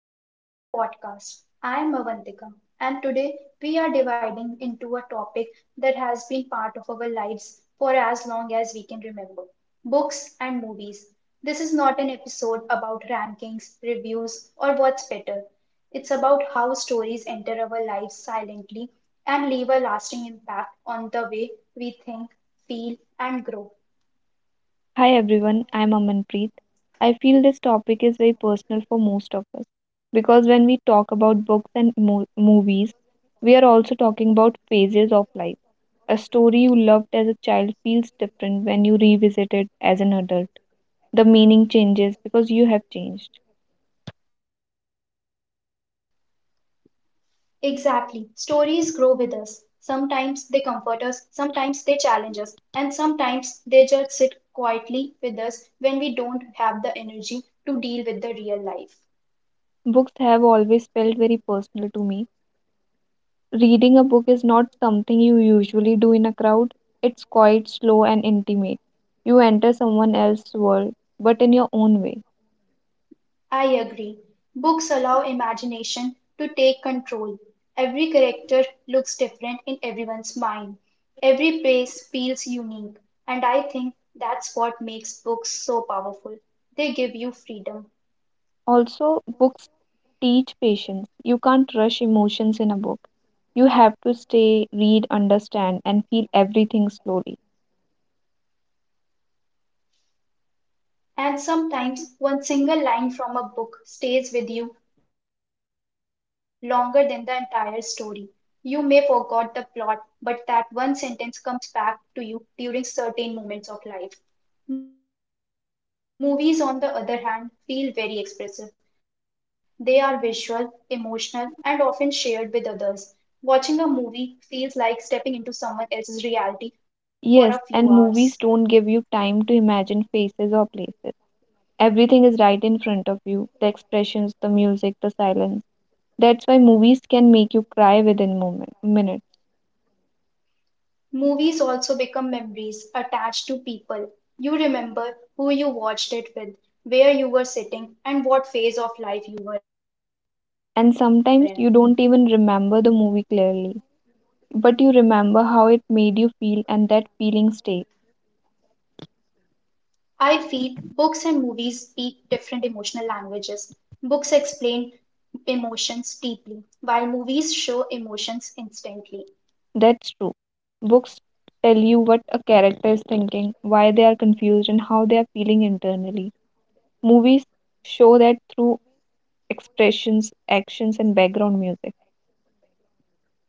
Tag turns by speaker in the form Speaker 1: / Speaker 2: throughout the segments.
Speaker 1: welcome to our podcast. I am Avantika and today we are dividing into a topic that has been part of our lives for as long as we can remember books and movies. This is not an episode about rankings, reviews, or what's better. It's about how stories enter our lives silently and leave a lasting impact on the way we think, feel, and grow.
Speaker 2: Hi everyone, I'm Amanpreet. I feel this topic is very personal for most of us because when we talk about books and movies, we are also talking about phases of life. A story you loved as a child feels different when you revisit it as an adult. The meaning changes because you have changed.
Speaker 1: Exactly. Stories grow with us. Sometimes they comfort us, sometimes they challenge us, and sometimes they just sit quietly with us when we don't have the energy to deal with the real life.
Speaker 2: Books have always felt very personal to me. Reading a book is not something you usually do in a crowd. It's quite slow and intimate. You enter someone else's world, but in your own way.
Speaker 1: I agree. Books allow imagination to take control. Every character looks different in everyone's mind. Every place feels unique, and I think that's what makes books so powerful. They give you freedom.
Speaker 2: Also, books teach patience. You can't rush emotions in a book. You have to stay, read, understand, and feel everything slowly.
Speaker 1: And sometimes one single line from a book stays with you longer than the entire story. You may forget the plot, but that one sentence comes back to you during certain moments of life. Movies, on the other hand, feel very expressive. They are visual, emotional, and often shared with others. Watching a movie feels like stepping into someone else's reality for a few hours.
Speaker 2: Yes, and movies don't give you time to imagine faces or places. Everything is right in front of you, the expressions, the music, the silence. That's why movies can make you cry within minutes.
Speaker 1: Movies also become memories attached to people. You remember who you watched it with, where you were sitting, and what phase of life you were in.
Speaker 2: And sometimes you don't even remember the movie clearly, but you remember how it made you feel, and that feeling stays.
Speaker 1: I feel books and movies speak different emotional languages. Books explain emotions deeply, while movies show emotions instantly.
Speaker 2: That's true. Books tell you what a character is thinking, why they are confused, and how they are feeling internally. Movies show that through expressions, actions, and background music.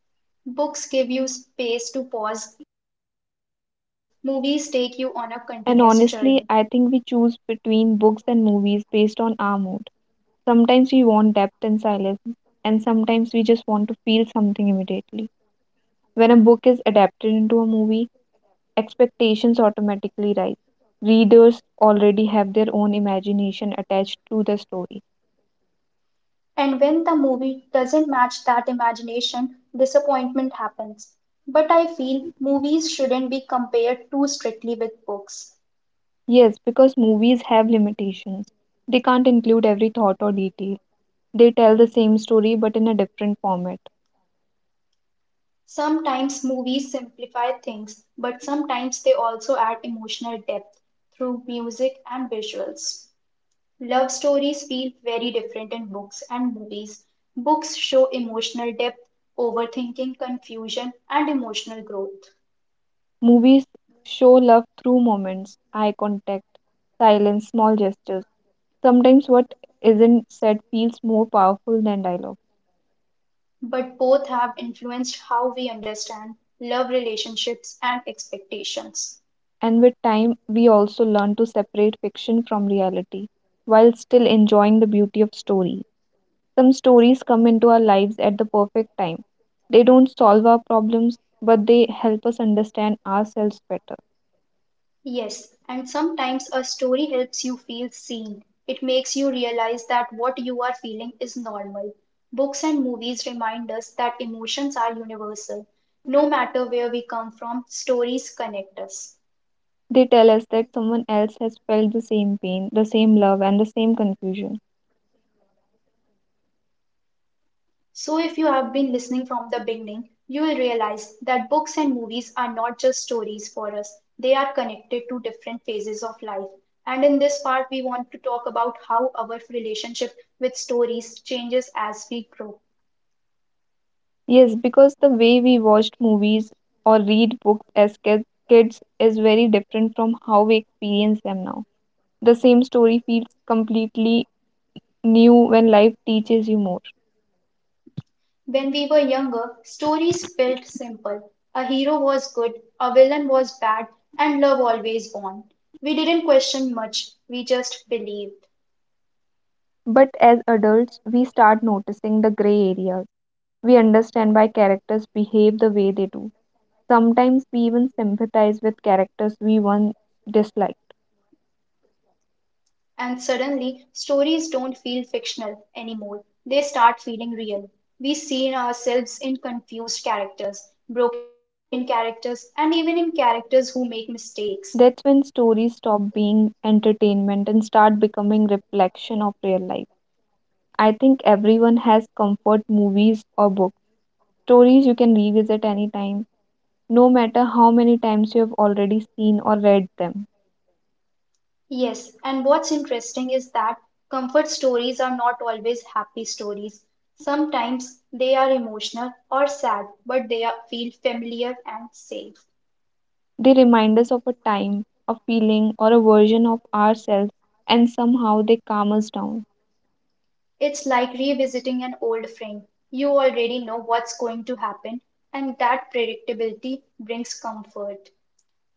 Speaker 1: Books give you space to pause, movies take you on a continuous journey.
Speaker 2: And honestly, I think we choose between books and movies based on our mood. Sometimes we want depth and silence, and sometimes we just want to feel something immediately. When a book is adapted into a movie, expectations automatically rise. Readers already have their own imagination attached to the story.
Speaker 1: And when the movie doesn't match that imagination, disappointment happens. But I feel movies shouldn't be compared too strictly with books.
Speaker 2: Yes, because movies have limitations. They can't include every thought or detail. They tell the same story but in a different format.
Speaker 1: Sometimes movies simplify things, but sometimes they also add emotional depth through music and visuals. Love stories feel very different in books and movies. Books show emotional depth, overthinking, confusion, and emotional growth.
Speaker 2: Movies show love through moments, eye contact, silence, small gestures. Sometimes what isn't said feels more powerful than dialogue.
Speaker 1: But both have influenced how we understand love relationships and expectations.
Speaker 2: And with time, we also learn to separate fiction from reality while still enjoying the beauty of story. Some stories come into our lives at the perfect time. They don't solve our problems, but they help us understand ourselves better.
Speaker 1: Yes, and sometimes a story helps you feel seen. It makes you realize that what you are feeling is normal. Books and movies remind us that emotions are universal. No matter where we come from, stories connect us.
Speaker 2: They tell us that someone else has felt the same pain, the same love, and the same confusion.
Speaker 1: So if you have been listening from the beginning, you will realize that books and movies are not just stories for us. They are connected to different phases of life. And in this part, we want to talk about how our relationship with stories changes as we grow.
Speaker 2: Yes, because the way we watched movies or read books as kids is very different from how we experience them now. The same story feels completely new when life teaches you more.
Speaker 1: When we were younger, stories felt simple. A hero was good, a villain was bad, and love always won. We didn't question much, we just believed.
Speaker 2: But as adults, we start noticing the gray areas. We understand why characters behave the way they do. Sometimes we even sympathize with characters we once disliked.
Speaker 1: And suddenly, stories don't feel fictional anymore. They start feeling real. We see ourselves in confused characters, broken characters, and even in characters who make mistakes.
Speaker 2: That's when stories stop being entertainment and start becoming reflection of real life. I think everyone has comfort movies or books. Stories you can revisit anytime, no matter how many times you have already seen or read them.
Speaker 1: Yes, and what's interesting is that comfort stories are not always happy stories. Sometimes they are emotional or sad, but feel familiar and safe.
Speaker 2: They remind us of a time, a feeling, or a version of ourselves, and somehow they calm us down.
Speaker 1: It's like revisiting an old friend. You already know what's going to happen, and that predictability brings comfort.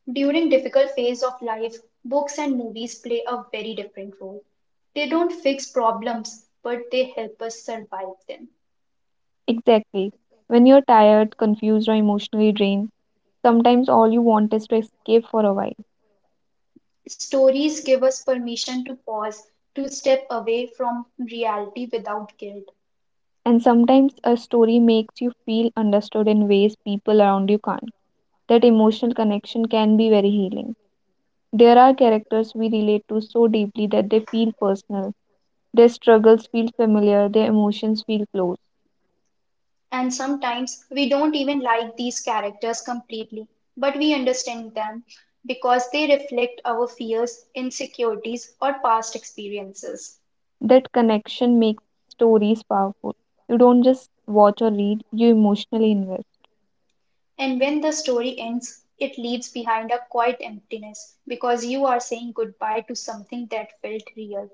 Speaker 1: During difficult phase of life, books and movies play a very different role. They don't fix problems, but they help us survive them.
Speaker 2: Exactly. When you're tired, confused, or emotionally drained, sometimes all you want is to escape for a while.
Speaker 1: Stories give us permission to pause, to step away from reality without guilt.
Speaker 2: And sometimes a story makes you feel understood in ways people around you can't. That emotional connection can be very healing. There are characters we relate to so deeply that they feel personal. Their struggles feel familiar, their emotions feel close.
Speaker 1: And sometimes we don't even like these characters completely, but we understand them because they reflect our fears, insecurities, or past experiences.
Speaker 2: That connection makes stories powerful. You don't just watch or read, you emotionally invest.
Speaker 1: And when the story ends, it leaves behind a quiet emptiness because you are saying goodbye to something that felt real.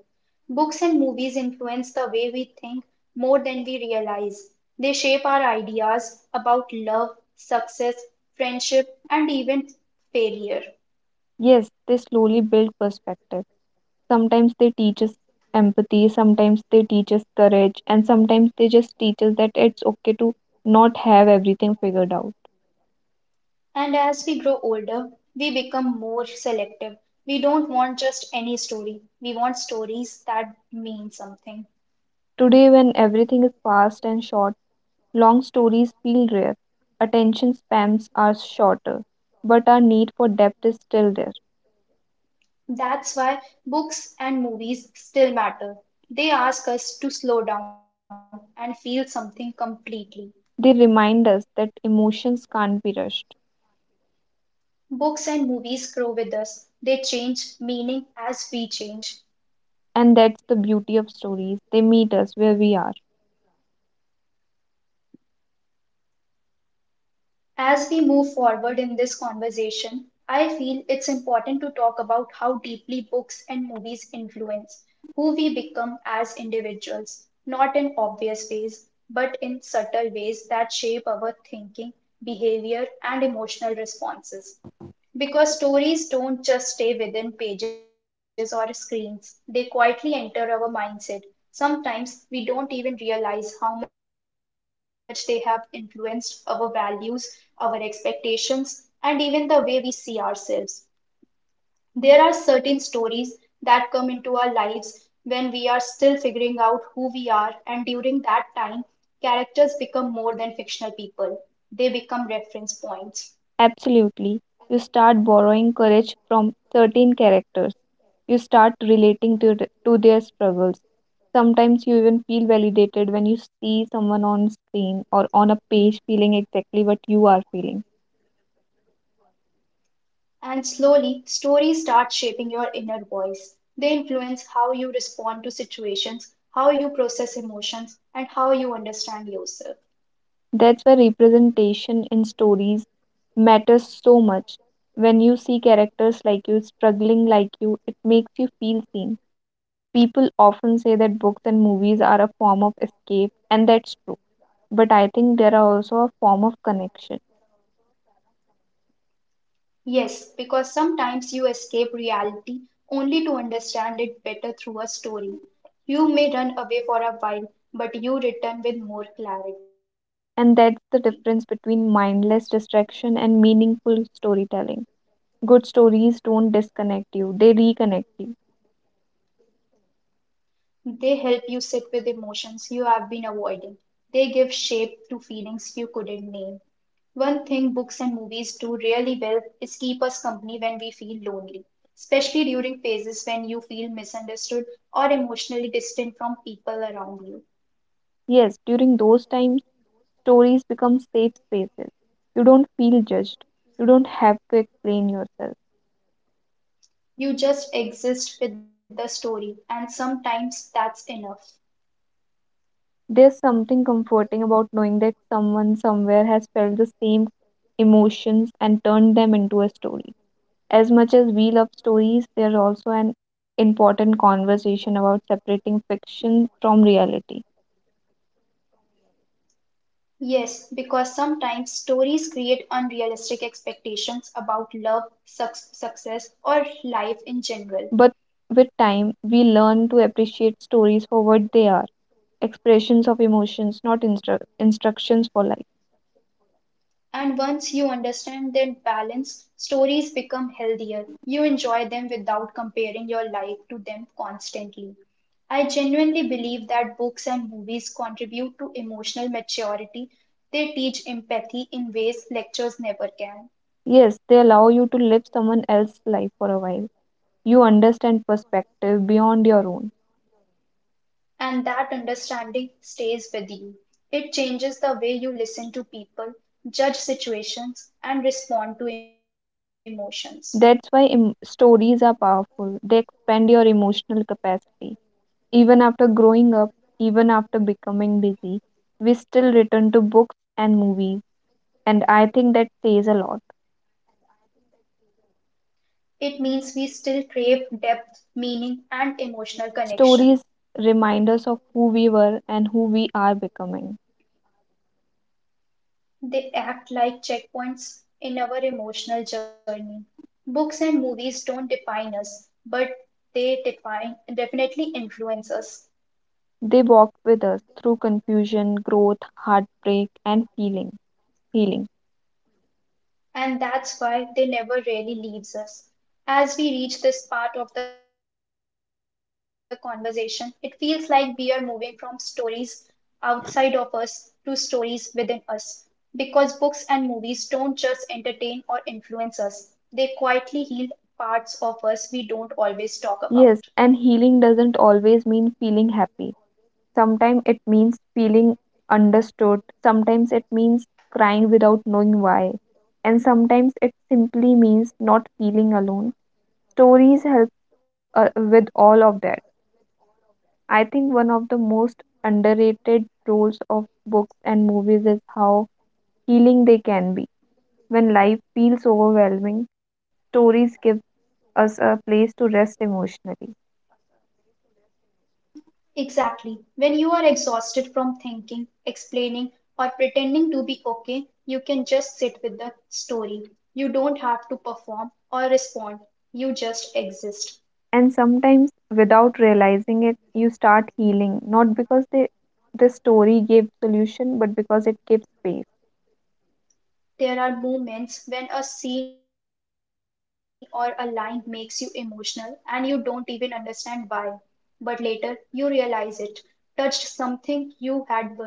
Speaker 1: Books and movies influence the way we think more than we realize. They shape our ideas about love, success, friendship, and even failure.
Speaker 2: Yes, they slowly build perspective. Sometimes they teach us empathy, sometimes they teach us courage, and sometimes they just teach us that it's okay to not have everything figured out.
Speaker 1: And as we grow older, we become more selective. We don't want just any story. We want stories that mean something.
Speaker 2: Today, when everything is fast and short, long stories feel rare. Attention spans are shorter, but our need for depth is still there.
Speaker 1: That's why books and movies still matter. They ask us to slow down and feel something completely.
Speaker 2: They remind us that emotions can't be rushed.
Speaker 1: Books and movies grow with us. They change meaning as we change.
Speaker 2: And that's the beauty of stories. They meet us where we are.
Speaker 1: As we move forward in this conversation, I feel it's important to talk about how deeply books and movies influence who we become as individuals, not in obvious ways, but in subtle ways that shape our thinking, behavior, and emotional responses. Because stories don't just stay within pages or screens, they quietly enter our mindset. Sometimes we don't even realize how much they have influenced our values, our expectations, and even the way we see ourselves. There are certain stories that come into our lives when we are still figuring out who we are, and during that time, characters become more than fictional people, they become reference points.
Speaker 2: Absolutely. You start borrowing courage from certain characters. You start relating to their struggles. Sometimes you even feel validated when you see someone on screen or on a page feeling exactly what you are feeling.
Speaker 1: And slowly, stories start shaping your inner voice. They influence how you respond to situations, how you process emotions, and how you understand yourself.
Speaker 2: That's why representation in stories matters so much. When you see characters like you, struggling like you, it makes you feel seen. People often say that books and movies are a form of escape, and that's true. But I think there are also a form of connection.
Speaker 1: Yes, because sometimes you escape reality only to understand it better through a story. You may run away for a while, but you return with more clarity.
Speaker 2: And that's the difference between mindless distraction and meaningful storytelling. Good stories don't disconnect you, they reconnect you.
Speaker 1: They help you sit with emotions you have been avoiding. They give shape to feelings you couldn't name. One thing books and movies do really well is keep us company when we feel lonely, especially during phases when you feel misunderstood or emotionally distant from people around you.
Speaker 2: Yes, during those times, stories become safe spaces. You don't feel judged, you don't have to explain yourself.
Speaker 1: You just exist with the story, and sometimes that's enough.
Speaker 2: There's something comforting about knowing that someone somewhere has felt the same emotions and turned them into a story. As much as we love stories, there's also an important conversation about separating fiction from reality.
Speaker 1: Yes, because sometimes stories create unrealistic expectations about love, success, or life in general.
Speaker 2: But with time, we learn to appreciate stories for what they are expressions of emotions, not instructions for life.
Speaker 1: And once you understand that balance, stories become healthier. You enjoy them without comparing your life to them constantly. I genuinely believe that books and movies contribute to emotional maturity. They teach empathy in ways lectures never can.
Speaker 2: Yes, they allow you to live someone else's life for a while. You understand perspective beyond your own.
Speaker 1: And that understanding stays with you. It changes the way you listen to people, judge situations, and respond to emotions.
Speaker 2: That's why stories are powerful. They expand your emotional capacity. Even after growing up, even after becoming busy, we still return to books and movies, and I think that says a lot.
Speaker 1: It means we still crave depth, meaning, and emotional connection.
Speaker 2: Stories remind us of who we were and who we are becoming.
Speaker 1: They act like checkpoints in our emotional journey. Books and movies don't define us, but definitely influence us.
Speaker 2: They walk with us through confusion, growth, heartbreak, and feeling. Healing.
Speaker 1: And that's why they never really leaves us. As we reach this part of the conversation, it feels like we are moving from stories outside of us to stories within us. Because books and movies don't just entertain or influence us, they quietly heal parts of us we don't always talk about.
Speaker 2: Yes, and healing doesn't always mean feeling happy. Sometimes it means feeling understood. Sometimes it means crying without knowing why. And sometimes it simply means not feeling alone. Stories help with all of that. I think one of the most underrated roles of books and movies is how healing they can be. When life feels overwhelming, stories give us a place to rest emotionally.
Speaker 1: Exactly. When you are exhausted from thinking, explaining, or pretending to be okay, you can just sit with the story. You don't have to perform or respond, you just exist.
Speaker 2: And sometimes, without realizing it, you start healing, not because the story gave solution, but because it gave space.
Speaker 1: There are moments when a scene or a line makes you emotional and you don't even understand why. But later you realize it touched something you had buried.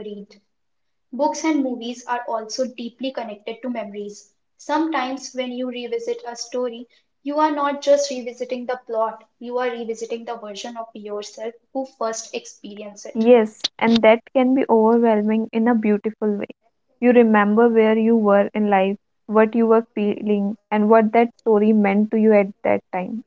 Speaker 1: Books and movies are also deeply connected to memories. Sometimes, when you revisit a story, you are not just revisiting the plot, you are revisiting the version of yourself who first experienced it.
Speaker 2: Yes, and that can be overwhelming in a beautiful way. You remember where you were in life, what you were feeling, and what that story meant to you at that time.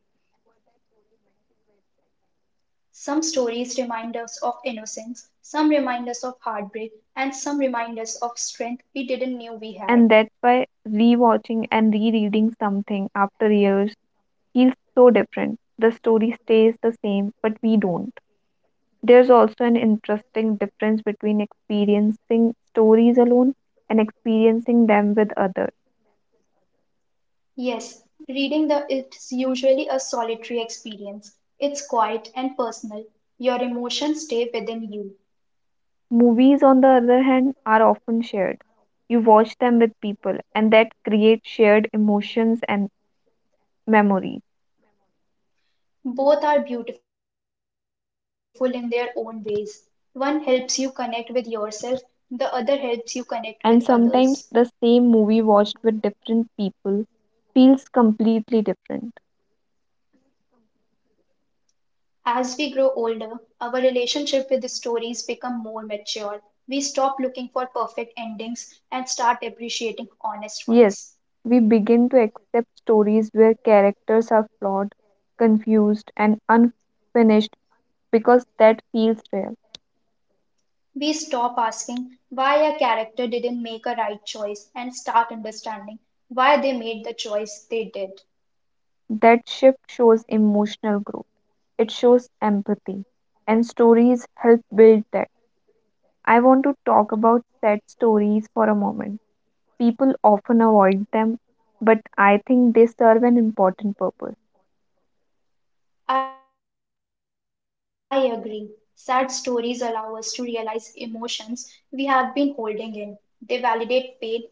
Speaker 1: Some stories remind us of innocence, some remind us of heartbreak, and some remind us of strength we didn't know we had.
Speaker 2: And that's why rewatching and rereading something after years feels so different. The story stays the same, but we don't. There's also an interesting difference between experiencing stories alone and experiencing them with others.
Speaker 1: Yes, reading the it's usually a solitary experience. It's quiet and personal. Your emotions stay within you.
Speaker 2: Movies, on the other hand, are often shared. You watch them with people, and that creates shared emotions and memory.
Speaker 1: Both are beautiful in their own ways. One helps you connect with yourself, the other helps you connect with others.
Speaker 2: And sometimes the same movie watched with different people feels completely different.
Speaker 1: As we grow older, our relationship with the stories become more mature. We stop looking for perfect endings and start appreciating honest ones.
Speaker 2: Yes, we begin to accept stories where characters are flawed, confused, and unfinished because that feels real.
Speaker 1: We stop asking why a character didn't make a right choice and start understanding why they made the choice they did.
Speaker 2: That shift shows emotional growth, it shows empathy, and stories help build that. I want to talk about sad stories for a moment. People often avoid them, but I think they serve an important purpose.
Speaker 1: I agree. Sad stories allow us to realize emotions we have been holding in. They validate pain instead of avoiding it.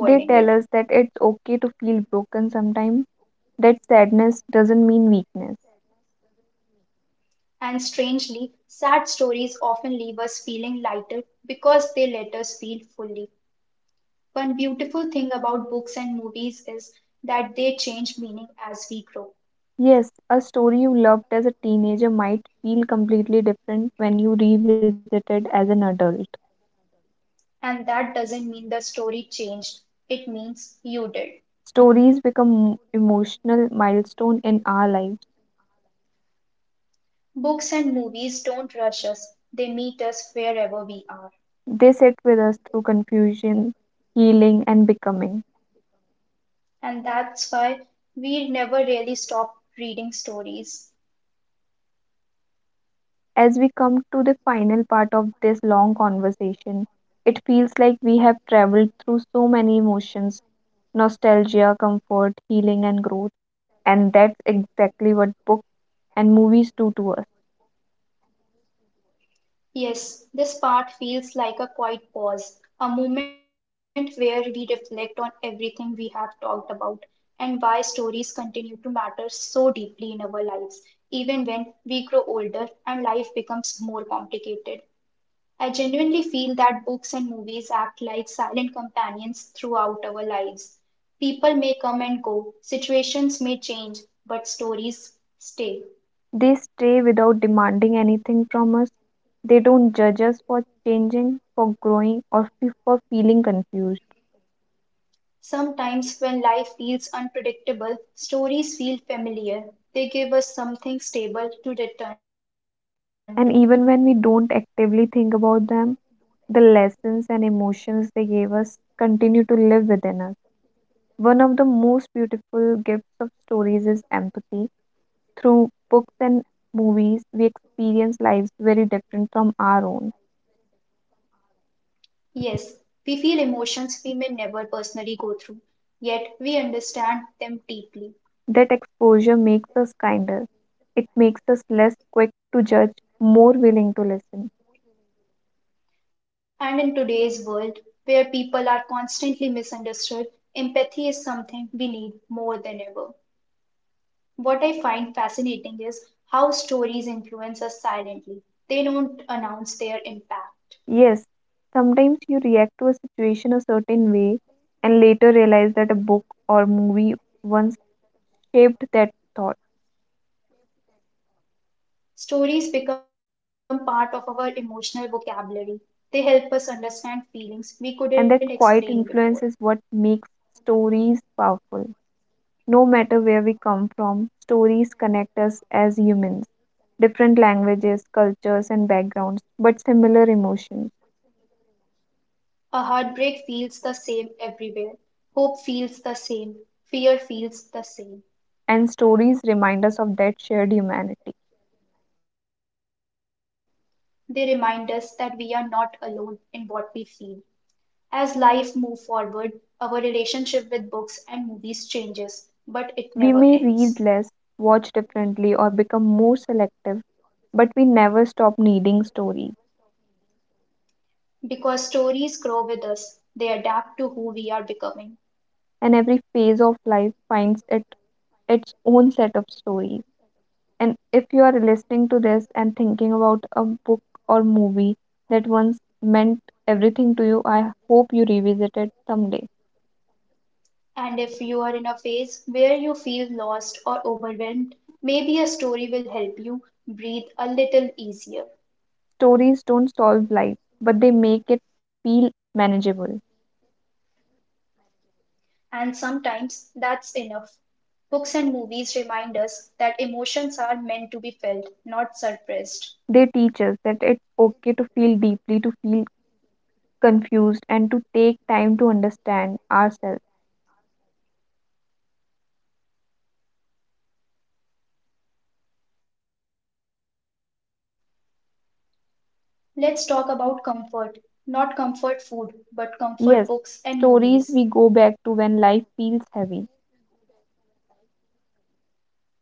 Speaker 2: They tell us that it's okay to feel broken sometimes, that sadness doesn't mean weakness.
Speaker 1: And strangely, sad stories often leave us feeling lighter because they let us feel fully. One beautiful thing about books and movies is that they change meaning as we grow.
Speaker 2: Yes, a story you loved as a teenager might feel completely different when you revisit it as an adult.
Speaker 1: And that doesn't mean the story changed, it means you did.
Speaker 2: Stories become emotional milestone in our lives.
Speaker 1: Books and movies don't rush us, they meet us wherever we are.
Speaker 2: They sit with us through confusion, healing and becoming.
Speaker 1: And that's why we never really stop reading stories.
Speaker 2: As we come to the final part of this long conversation, it feels like we have traveled through so many emotions: nostalgia, comfort, healing, and growth. And that's exactly what books and movies do to us.
Speaker 1: Yes, this part feels like a quiet pause, a moment where we reflect on everything we have talked about and why stories continue to matter so deeply in our lives, even when we grow older and life becomes more complicated. I genuinely feel that books and movies act like silent companions throughout our lives. People may come and go, situations may change, but stories stay.
Speaker 2: They stay without demanding anything from us. They don't judge us for changing, for growing, or for feeling confused.
Speaker 1: Sometimes, when life feels unpredictable, stories feel familiar. They give us something stable to return to.
Speaker 2: And even when we don't actively think about them, the lessons and emotions they gave us continue to live within us. One of the most beautiful gifts of stories is empathy. Through books and movies, we experience lives very different from our own.
Speaker 1: Yes, we feel emotions we may never personally go through, yet we understand them deeply.
Speaker 2: That exposure makes us kinder. It makes us less quick to judge, more willing to listen.
Speaker 1: And in today's world, where people are constantly misunderstood, empathy is something we need more than ever. What I find fascinating is how stories influence us silently. They don't announce their impact.
Speaker 2: Yes, sometimes you react to a situation a certain way and later realize that a book or movie once shaped that thought.
Speaker 1: Stories become part of our emotional vocabulary. They help us understand feelings we couldn't explain before.
Speaker 2: And that quiet influence is what makes stories powerful. No matter where we come from, stories connect us as humans. Different languages, cultures, and backgrounds, but similar emotions.
Speaker 1: A heartbreak feels the same everywhere. Hope feels the same. Fear feels the same.
Speaker 2: And stories remind us of that shared humanity.
Speaker 1: They remind us that we are not alone in what we feel. As life moves forward, our relationship with books and movies changes, but it never
Speaker 2: We
Speaker 1: ends.
Speaker 2: may read less, watch differently, or become more selective, but we never stop needing stories.
Speaker 1: Because stories grow with us, they adapt to who we are becoming.
Speaker 2: And every phase of life finds its own set of stories. And if you are listening to this and thinking about a book or movie that once meant everything to you, I hope you revisit it someday.
Speaker 1: And if you are in a phase where you feel lost or overwhelmed, maybe a story will help you breathe a little easier.
Speaker 2: Stories don't solve life, but they make it feel manageable.
Speaker 1: And sometimes that's enough. Books and movies remind us that emotions are meant to be felt, not suppressed.
Speaker 2: They teach us that it's okay to feel deeply, to feel confused, and to take time to understand ourselves.
Speaker 1: Let's talk about comfort. Not comfort food, but comfort books and movies.
Speaker 2: Yes, stories we go back to when life feels heavy,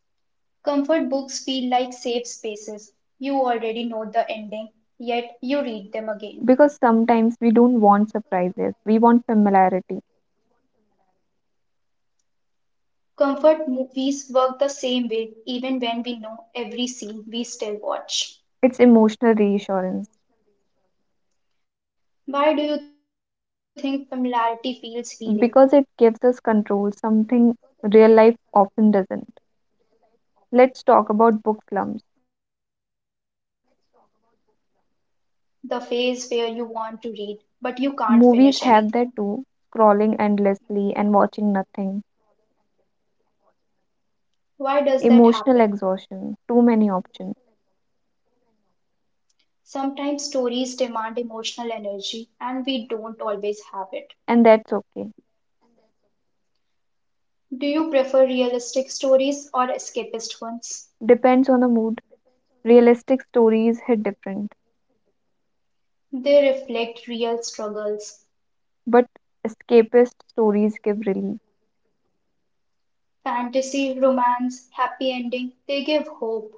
Speaker 1: Comfort books feel like safe spaces. You already know the ending, yet you read them again.
Speaker 2: because sometimes we don't want surprises, we want familiarity.
Speaker 1: Comfort movies work the same way, even when we know every scene we still watch.
Speaker 2: It's emotional reassurance.
Speaker 1: Why do you think familiarity feels healing?
Speaker 2: Because it gives us control, something real life often doesn't. Let's talk about book slums.
Speaker 1: The phase where you want to read but you can't finish anything.
Speaker 2: Movies have that too, scrolling endlessly and watching nothing,
Speaker 1: Why does that happen?
Speaker 2: emotional exhaustion, too many options,
Speaker 1: Sometimes stories demand emotional energy and we don't always have it.
Speaker 2: and that's okay.
Speaker 1: Do you prefer realistic stories or escapist ones?
Speaker 2: Depends on the mood. Realistic stories hit different,
Speaker 1: They reflect real struggles.
Speaker 2: but escapist stories give relief.
Speaker 1: Fantasy, romance, happy ending, they give hope.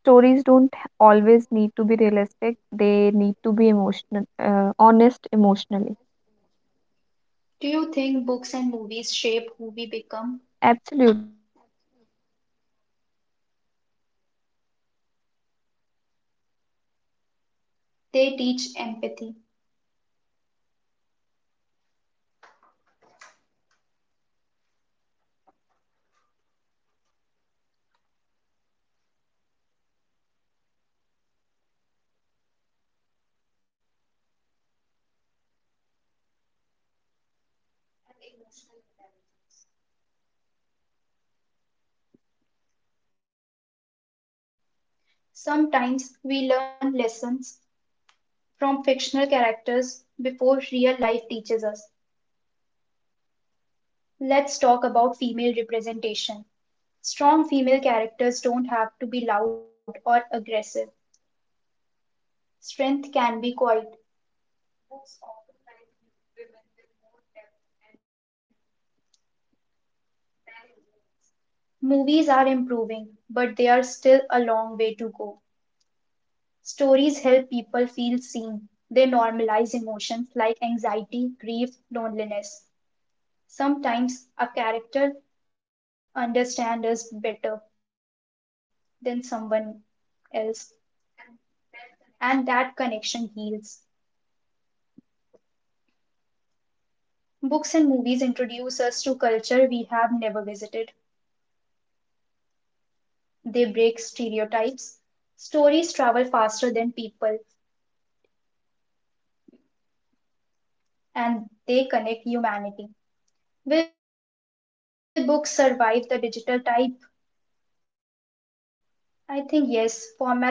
Speaker 2: Stories don't always need to be realistic, they need to be emotional, honest emotionally.
Speaker 1: Do you think books and movies shape who we become?
Speaker 2: Absolutely, they influence how we think, speak, and react,
Speaker 1: They teach empathy
Speaker 2: and emotional intelligence.
Speaker 1: and emotional intelligence. Sometimes we learn lessons from fictional characters before real life teaches us. Let's talk about female representation. Strong female characters don't have to be loud or aggressive. Strength can be quiet. Movies are improving, but they are still a long way to go. Stories help people feel seen. They normalize emotions like anxiety, grief, loneliness. Sometimes a character understands us better than someone else, and that connection heals. Books and movies introduce us to culture we have never visited. They break stereotypes. Stories travel faster than people, and they connect humanity. Will books survive the digital type? I think yes, formats change, stories don't.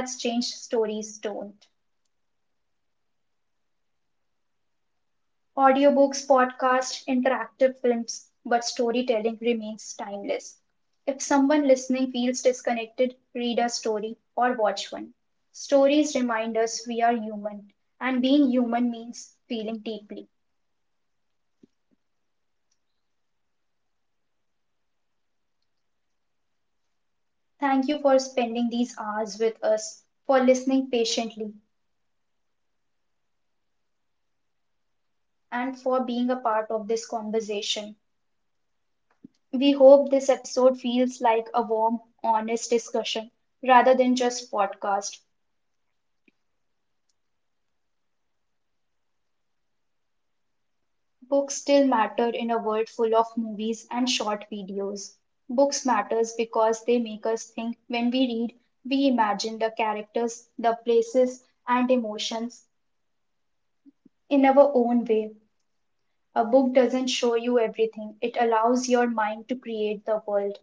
Speaker 1: Audiobooks, podcasts, interactive films, but storytelling remains timeless. If someone listening feels disconnected, read a story or watch one. Stories remind us we are human, and being human means feeling deeply. Thank you for spending these hours with us, for listening patiently, and for being a part of this conversation. We hope this episode feels like a warm, honest discussion rather than just podcast. Books still matter in a world full of movies and short videos. Books matters because they make us think. When we read, we imagine the characters, the places and emotions in our own way. A book doesn't show you everything. It allows your mind to create the world.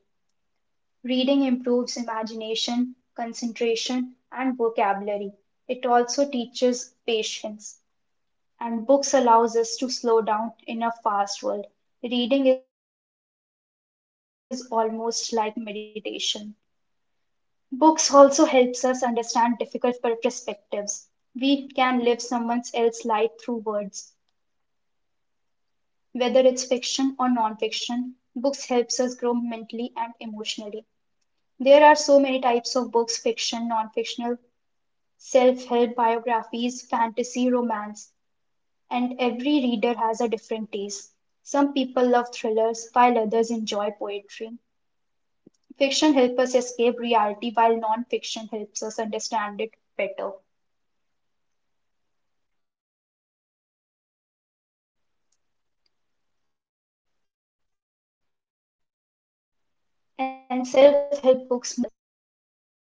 Speaker 1: Reading improves imagination, concentration and vocabulary. It also teaches patience. And books allows us to slow down in a fast world. Reading is almost like meditation. Books also helps us understand difficult perspectives. We can live someone else's life through words. Whether it's fiction or non-fiction, books helps us grow mentally and emotionally. There are so many types of books, fiction, non-fictional, self-help biographies, fantasy, romance, and every reader has a different taste. Some people love thrillers while others enjoy poetry. Fiction helps us escape reality while non-fiction helps us understand it better.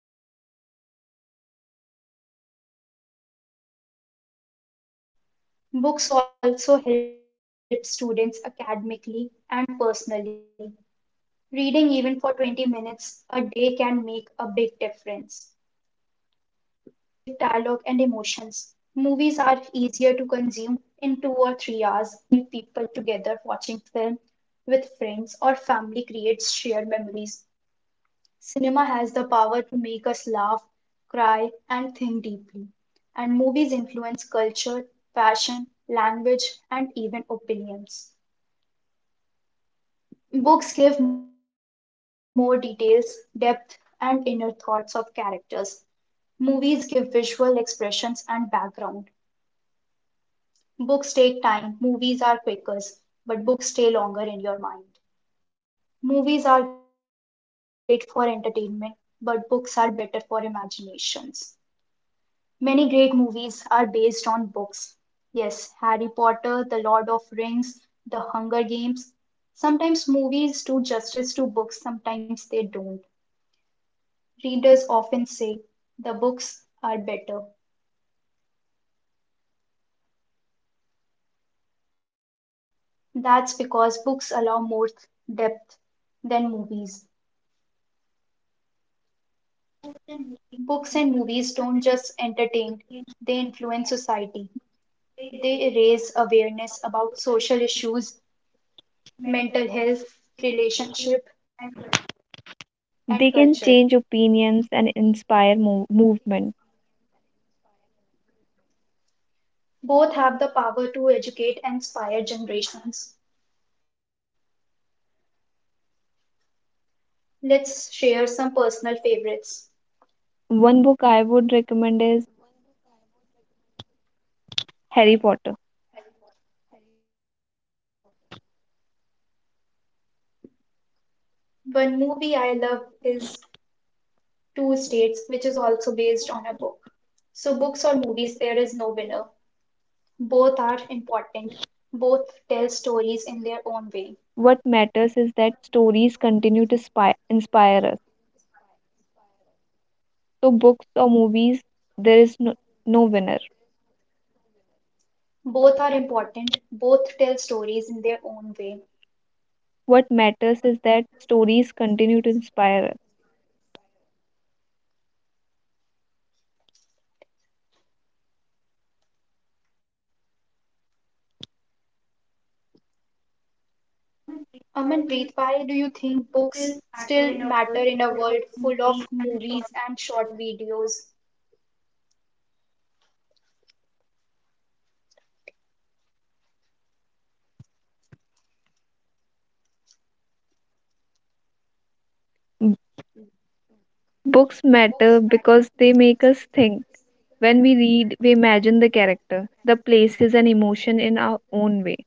Speaker 1: And self-help books motivate us while biographies inspire us. Books also help students academically and personally. Reading even for 20 minutes a day can make a big difference. Movies are visual, they combine acting, music, dialogue, and emotions. Movies are easier to consume in 2 or 3 hours. Your experience a complete story. Movies also bring people together watching film with friends or family creates shared memories. Cinema has the power to make us laugh, cry, and think deeply. And movies influence culture, fashion, language, and even opinions. Books give more details, depth, and inner thoughts of characters. Movies give visual expressions and background. Books take time, movies are quicker, but books stay longer in your mind. Movies are great for entertainment, but books are better for imaginations. Many great movies are based on books. Yes, Harry Potter, The Lord of Rings, The Hunger Games. Sometimes movies do justice to books, sometimes they don't. Readers often say the books are better. That's because books allow more depth than movies. Books and movies don't just entertain, they influence society. They raise awareness about social issues, mental health, relationship, and culture.
Speaker 2: They can change opinions and inspire movement.
Speaker 1: Both have the power to educate and inspire generations. Let's share some personal favorites.
Speaker 2: One book I would recommend is Harry Potter.
Speaker 1: One movie I love is Two States, which is also based on a book. So, books or movies, there is no winner. Both are important. Both tell stories in their own way.
Speaker 2: What matters is that stories continue to inspire us. So, books or movies, there is no winner.
Speaker 1: Both are important. Both tell stories in their own way.
Speaker 2: What matters is that stories continue to inspire
Speaker 1: Amanpreet, why do you think books still matter in a world full of
Speaker 2: us.
Speaker 1: movies and short videos?
Speaker 2: Books matter
Speaker 1: Books matter.
Speaker 2: because they make us think. When we read, we imagine the character, the places, and emotion in our own way.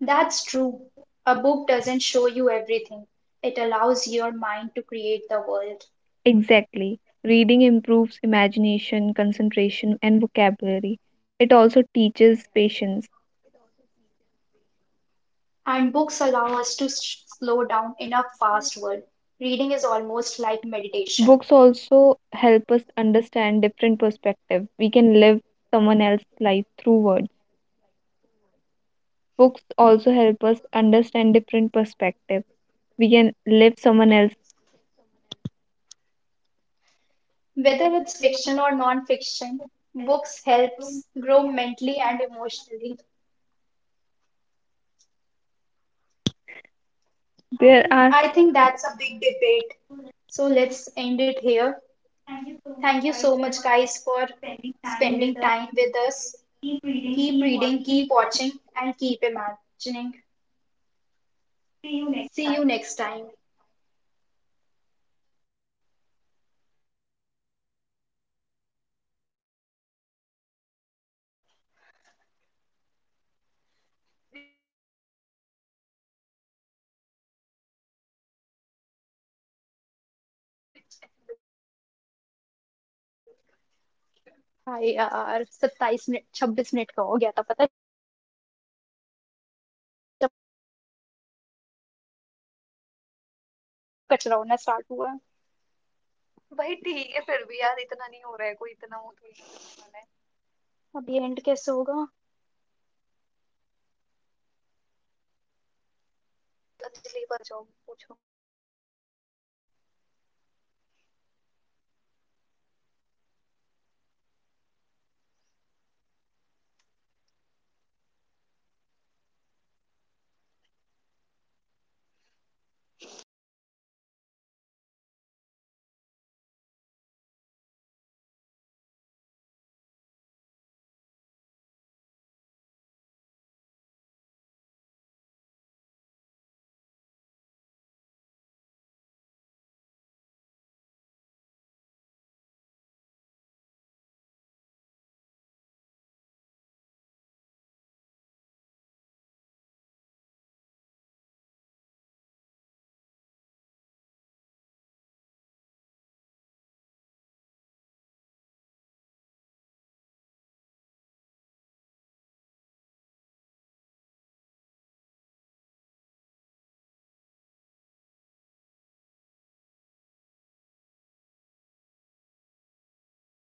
Speaker 1: That's true. A book doesn't show you everything. It allows your mind to create the world.
Speaker 2: Exactly. Reading improves imagination, concentration, and vocabulary. It also teaches patience.
Speaker 1: And books allow us to slow down in a fast world. Reading is almost like meditation.
Speaker 2: Books also help us understand different perspectives. We can live someone else's life through words. Books also help us understand different perspectives. We can live someone else.
Speaker 1: Whether it's fiction or non-fiction, books helps grow mentally and emotionally.
Speaker 2: There are.
Speaker 1: I think that's a big debate. So let's end it here. Thank you so much, guys, for spending time with us. Keep reading, keep watching, and keep imagining. See you next time. हाय यार, सत्ताईस minute, छब्बीस minute का हो गया था, पता है जब कचरा होना स्टार्ट हुआ. अब ये एंड कैसे होगा? पढ़ाई क्यों लग रहे हैं सिर्फ? पता नहीं, नहीं हुआ होगा, सर को बोल देंगे, सर रात में चार रिकॉर्ड करे, सुबह होते होते सारे दिखाई नहीं रहा, वो अपलोडिंग पे चले गए थे और दिखा रहा कि अपलोड फेल्ड और फिर वो हट गया, कैंसिल हो गया को भी सर. यार सेव इतनी देर से सारी तो हो रही थी, ये एंड ही नहीं हो रही है. तुम क्या लिख कर आया था?